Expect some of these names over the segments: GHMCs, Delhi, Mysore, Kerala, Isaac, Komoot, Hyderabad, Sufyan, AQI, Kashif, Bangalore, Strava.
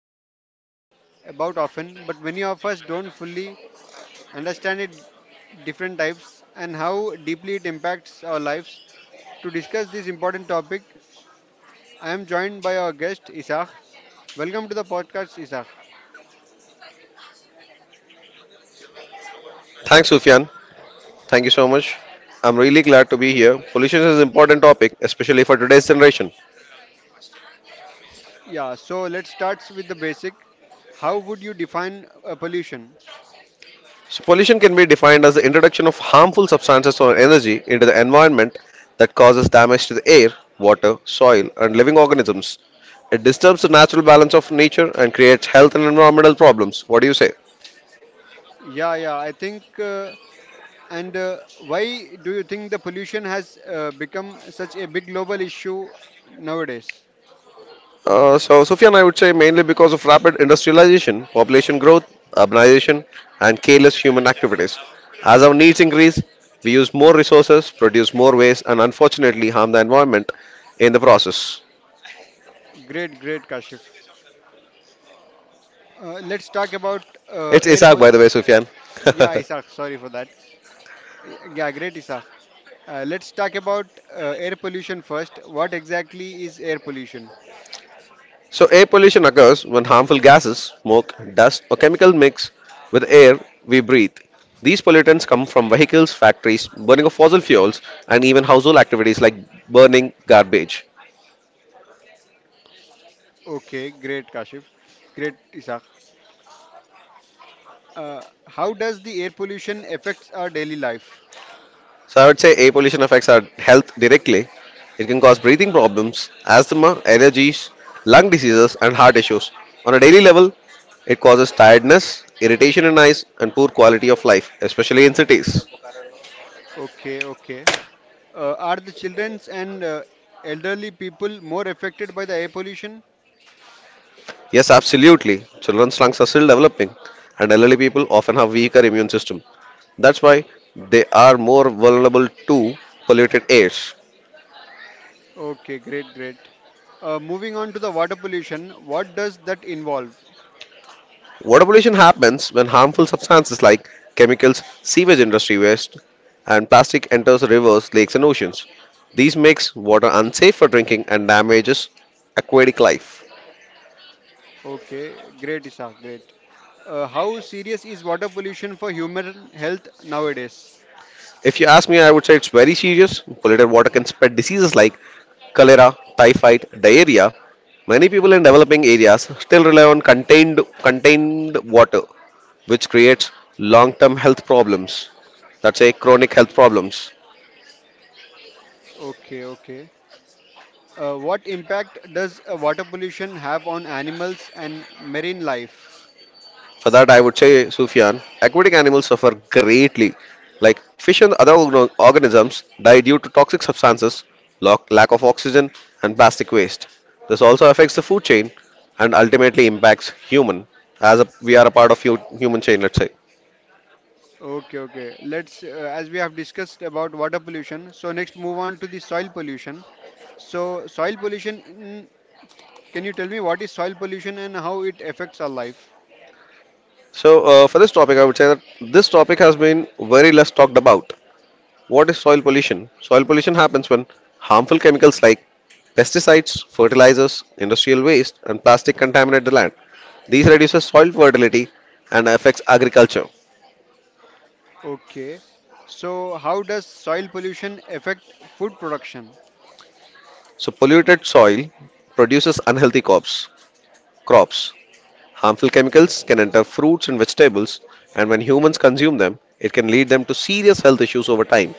something we hear about often, but many of us don't fully understand it different types and how deeply it impacts our lives. To discuss this important topic, I am joined by our guest Isaac. Welcome to the podcast, Isaac. Thanks, Sufyan. Thank you so much. I'm really glad to be here. Pollution is an important topic, especially for today's generation. Yeah, so let's start with the basic. How would you define pollution? So, pollution can be defined as the introduction of harmful substances or energy into the environment that causes damage to the air, water, soil, and living organisms. It disturbs the natural balance of nature and creates health and environmental problems. What do you say? Yeah, yeah, I think. And why do you think the pollution has become such a big global issue nowadays? So, Sufyan, I would say mainly because of rapid industrialization, population growth, urbanization, and careless human activities. As our needs increase, we use more resources, produce more waste, and unfortunately harm the environment in the process. Great, great, Kashif. Let's talk about It's air. Isaac, by the way, Sufyan. Yeah, Isaac, sorry for that. Yeah, great, Isaac. Let's talk about air pollution first. What exactly is air pollution? So, air pollution occurs when harmful gases, smoke, dust, or chemical mix with air we breathe. These pollutants come from vehicles, factories, burning of fossil fuels, and even household activities like burning garbage. Okay, great, Kashif. Great, Isaac. Uh, how does the air pollution affects our daily life? So I would say air pollution affects our health directly. It can cause breathing problems, asthma, allergies, lung diseases, and heart issues. On a daily level, it causes tiredness, irritation in eyes, and poor quality of life, especially in cities. Okay, okay. Are the childrens and elderly people more affected by the air pollution? Yes, absolutely. Children's lungs are still developing, and elderly people often have weaker immune system. That's why they are more vulnerable to polluted air. Okay, great, great. Moving on to the water pollution, what does that involve? Water pollution happens when harmful substances like chemicals, sewage industry waste, and plastic enters rivers, lakes, and oceans. These makes water unsafe for drinking and damages aquatic life. Okay, great, Isa, great. How serious is water pollution for human health nowadays? If you ask me, I would say it's very serious. Polluted water can spread diseases like cholera, typhoid, diarrhea. Many people in developing areas still rely on contained water, which creates long-term health problems. That's a chronic health problems. Okay, okay. What impact does water pollution have on animals and marine life? For that, I would say, Sufyan, aquatic animals suffer greatly. Like fish and other organisms die due to toxic substances, lack of oxygen, and plastic waste. This also affects the food chain and ultimately impacts human, as a, we are a part of human chain, let's say. Okay, okay. Let's, as we have discussed about water pollution, so next move on to the soil pollution. So, soil pollution, in, can you tell me what is soil pollution and how it affects our life? So, for this topic, I would say that this topic has been very less talked about. What is soil pollution? Soil pollution happens when harmful chemicals like pesticides, fertilizers, industrial waste, and plastic contaminate the land. These reduces soil fertility and affects agriculture. Okay. So, how does soil pollution affect food production? So polluted soil produces unhealthy crops. Crops. Harmful chemicals can enter fruits and vegetables, and when humans consume them, it can lead them to serious health issues over time.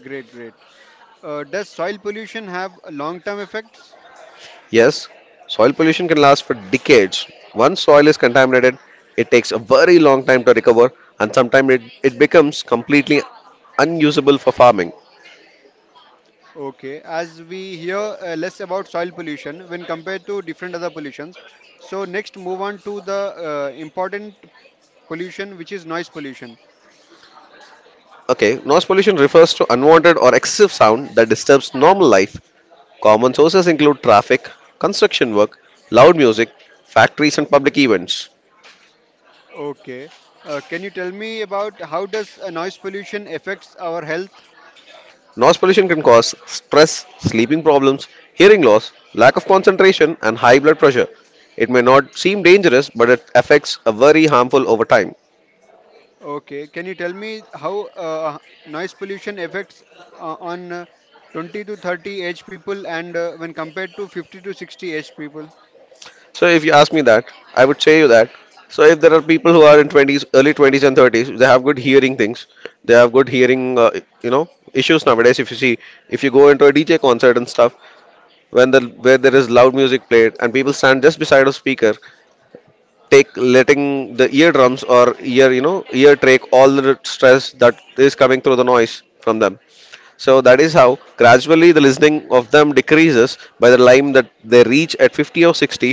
Great, great. Does soil pollution have long-term effects? Yes, soil pollution can last for decades. Once soil is contaminated, it takes a very long time to recover, and sometimes it becomes completely unusable for farming. Okay, as we hear less about soil pollution when compared to different other pollutions. So next move on to the important pollution which is noise pollution. Okay, noise pollution refers to unwanted or excessive sound that disturbs normal life. Common sources include traffic, construction work, loud music, factories, and public events. Okay, can you tell me about how does noise pollution affects our health? Noise pollution can cause stress, sleeping problems, hearing loss, lack of concentration, and high blood pressure. It may not seem dangerous, but it affects a very harmful over time. Okay, can you tell me how noise pollution affects on 20 to 30 age people and when compared to 50 to 60 age people? So, if you ask me that, I would say you that. So, if there are people who are in 20s, early 20s and 30s, they have good hearing things. They have good hearing, you know, issues nowadays. If you see, if you go into a DJ concert and stuff, when the where there is loud music played and people stand just beside a speaker, take letting the eardrums or ear, you know, ear trach all the stress that is coming through the noise from them. So that is how gradually the listening of them decreases by the time that they reach at 50 or 60.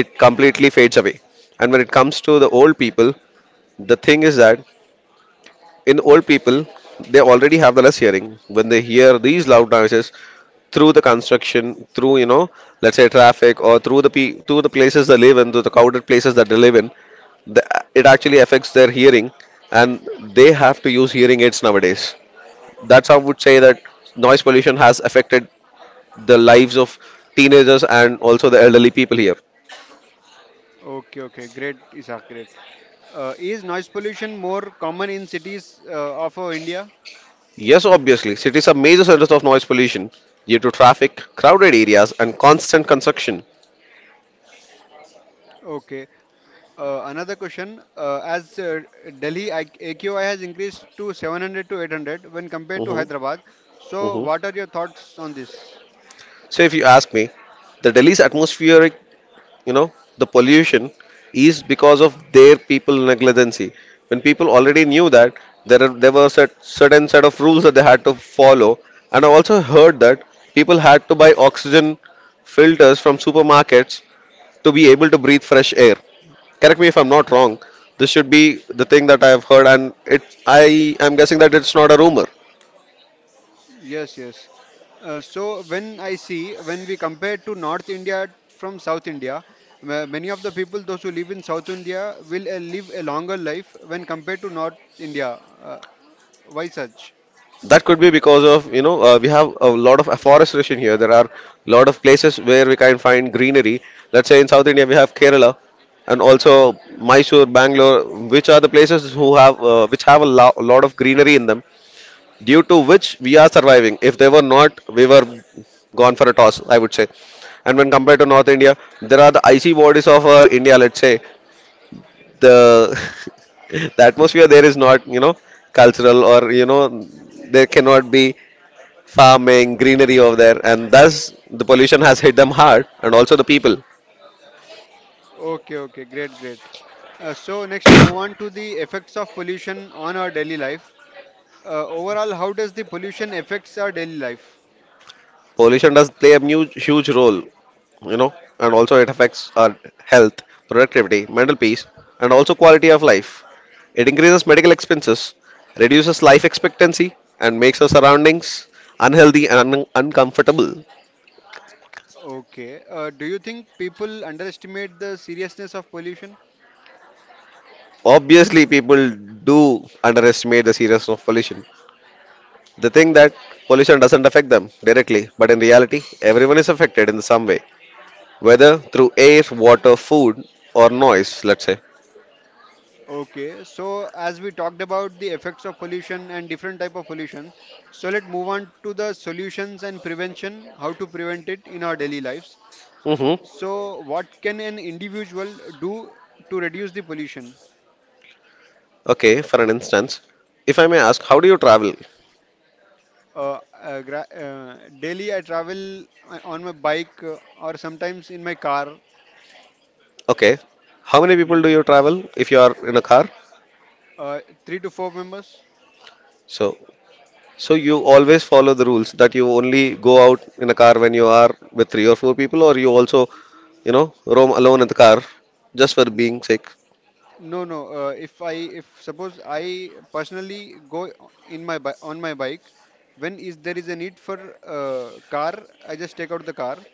It completely fades away. And when it comes to the old people, the thing is that in old people, they already have the less hearing. When they hear these loud noises through the construction, through, you know, let's say traffic or through the through the places they live in, through the crowded places that they live in, the, it actually affects their hearing, and they have to use hearing aids nowadays. That's how I would say that noise pollution has affected the lives of teenagers and also the elderly people here. Okay, okay, great, Isaac, great. Is noise pollution more common in cities of India? Yes, obviously, cities are major centers of noise pollution due to traffic, crowded areas, and constant construction. Okay. Another question. As Delhi AQI has increased to 700 to 800 when compared to hmm Hyderabad, so hmm what are your thoughts on this? So, if you ask me, the Delhi's atmospheric, you know, the pollution is because of their people negligency. When people already knew that there were certain set of rules that they had to follow, and I also heard that people had to buy oxygen filters from supermarkets to be able to breathe fresh air. Correct me if I'm not wrong. This should be the thing that I have heard, and it I am guessing that it's not a rumor. Yes, yes. So when I see, when we compare to North India from South India, many of the people, those who live in South India, will live a longer life when compared to North India. Why such? That could be because of, you know, we have a lot of afforestation here. There are a lot of places where we can find greenery. Let's say in South India, we have Kerala and also Mysore, Bangalore, which are the places who have, which have a lot of greenery in them, due to which we are surviving. If they were not, we were gone for a toss, I would say. And when compared to North India, there are the icy bodies of our India, let's say. The, the atmosphere there is not, you know, cultural or, you know, there cannot be farming, greenery over there, and thus the pollution has hit them hard, and also the people. Okay, okay, great, great. So next, move on to the effects of pollution on our daily life. Overall, how does the pollution affects our daily life? Pollution does play a huge, huge role, you know, and also it affects our health, productivity, mental peace, and also quality of life. It increases medical expenses, reduces life expectancy, and makes our surroundings unhealthy and uncomfortable. Okay. Do you think people underestimate the seriousness of pollution? Obviously, people do underestimate the seriousness of pollution. They think that pollution doesn't affect them directly, but in reality, everyone is affected in some way, whether through air, water, food, or noise, let's say. Okay. So as we talked about the effects of pollution and different type of pollution, so let's move on to the solutions and prevention, how to prevent it in our daily lives. Hmm. So what can an individual do to reduce the pollution? Okay, for an instance, if I may ask, how do you travel? Daily I travel on my bike or sometimes in my car. Okay, how many people do Yeah, you travel if you are in a car? uh, three to four members. So, so you always follow the rules that you only go out in a car when you are with three or four people, or you also, you know, roam alone in the car just for being sick. No, no. If suppose I personally go in on my bike, when is there is a need for car, I just take out the car.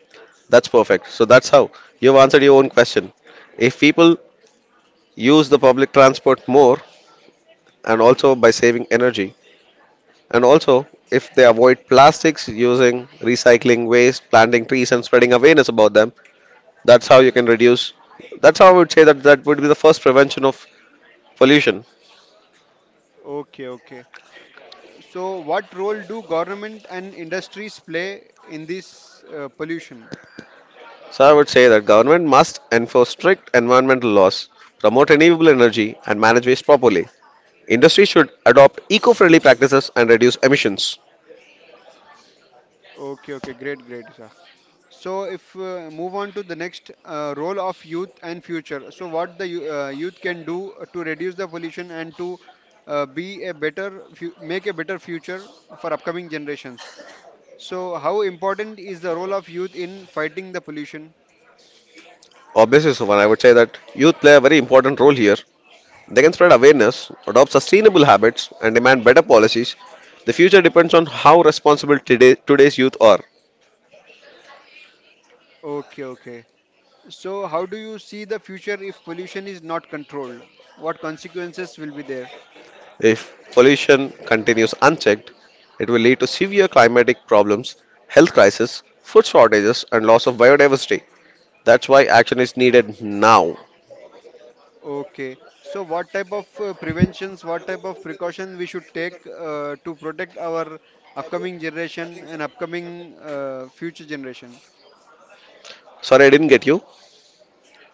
That's perfect. So that's how you've answered your own question. If people use the public transport more and also by saving energy. And also, if they avoid plastics, using recycling waste, planting trees, and spreading awareness about them, that's how you can reduce. That's how I would say that that would be the first prevention of pollution. Okay, okay. So what role do government and industries play in this pollution? So I would say that government must enforce strict environmental laws, promote renewable energy, and manage waste properly. Industry should adopt eco-friendly practices and reduce emissions. Okay, okay. Great, great, Isaac. So if move on to the next role of youth and future. So what the youth can do to reduce the pollution and to be a make a better future for upcoming generations. So how important is the role of youth in fighting the pollution? Obviously, Suvan, I would say that youth play a very important role here. They can spread awareness, adopt sustainable habits, and demand better policies. The future depends on how responsible today's youth are. Okay, okay. So how do you see the future if pollution is not controlled? What consequences will be there? If pollution continues unchecked, it will lead to severe climatic problems, health crisis, food shortages, and loss of biodiversity. That's why action is needed now. Okay. So what type of preventions, what type of precaution we should take to protect our upcoming generation and upcoming future generation? Sorry, I didn't get you.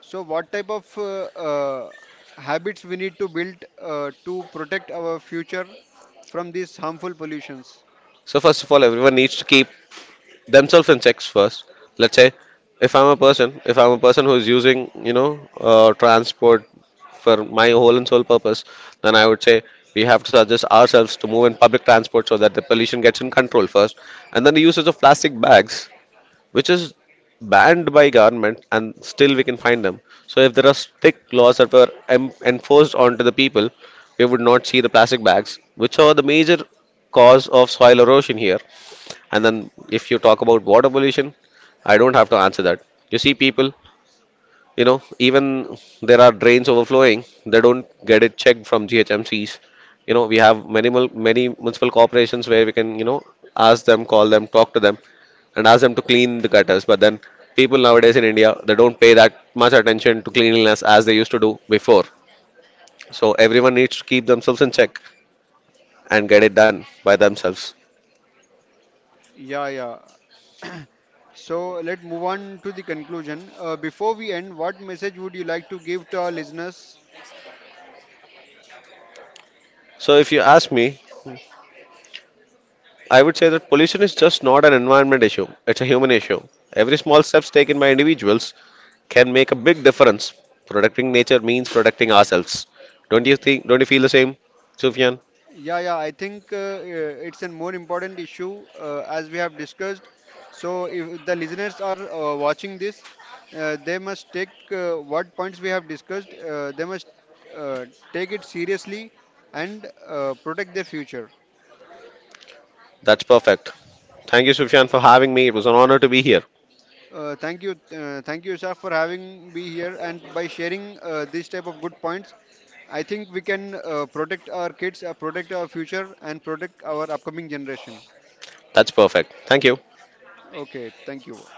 So what type of habits we need to build to protect our future from these harmful pollutions? So, first of all, everyone needs to keep themselves in checks first. Let's say if I'm a person who is using, you know, transport for my whole and sole purpose, then I would say we have to suggest ourselves to move in public transport so that the pollution gets in control first. And then the usage of plastic bags, which is banned by government and still we can find them. So if there are strict laws that were enforced onto the people, we would not see the plastic bags, which are the major cause of soil erosion here. And then if you talk about water pollution, I don't have to answer that. You see people, you know, even there are drains overflowing, they don't get it checked from GHMCs. You know, we have many many municipal corporations where we can, you know, ask them, call them, talk to them, and ask them to clean the gutters. But then people nowadays in India, they don't pay that much attention to cleanliness as they used to do before. So everyone needs to keep themselves in check and get it done by themselves. Yeah, yeah. So let's move on to the conclusion. Before we end, what message would you like to give to our listeners. So if you ask me, I would say that pollution is just not an environment issue, it's a human issue. Every small steps taken by individuals can make a big difference. Protecting nature means protecting ourselves. Don't you feel the same, Sufyan? Yeah, yeah, I think it's a more important issue as we have discussed. So, if the listeners are watching this, they must take what points we have discussed, they must uh, take it seriously and protect their future. That's perfect. Thank you, Sufyan, for having me. It was an honor to be here. Thank you, thank you, Saf, for having me here and by sharing this type of good points. I think we can protect our kids, protect our future, and protect our upcoming generation. That's perfect. Thank you. Okay, thank you.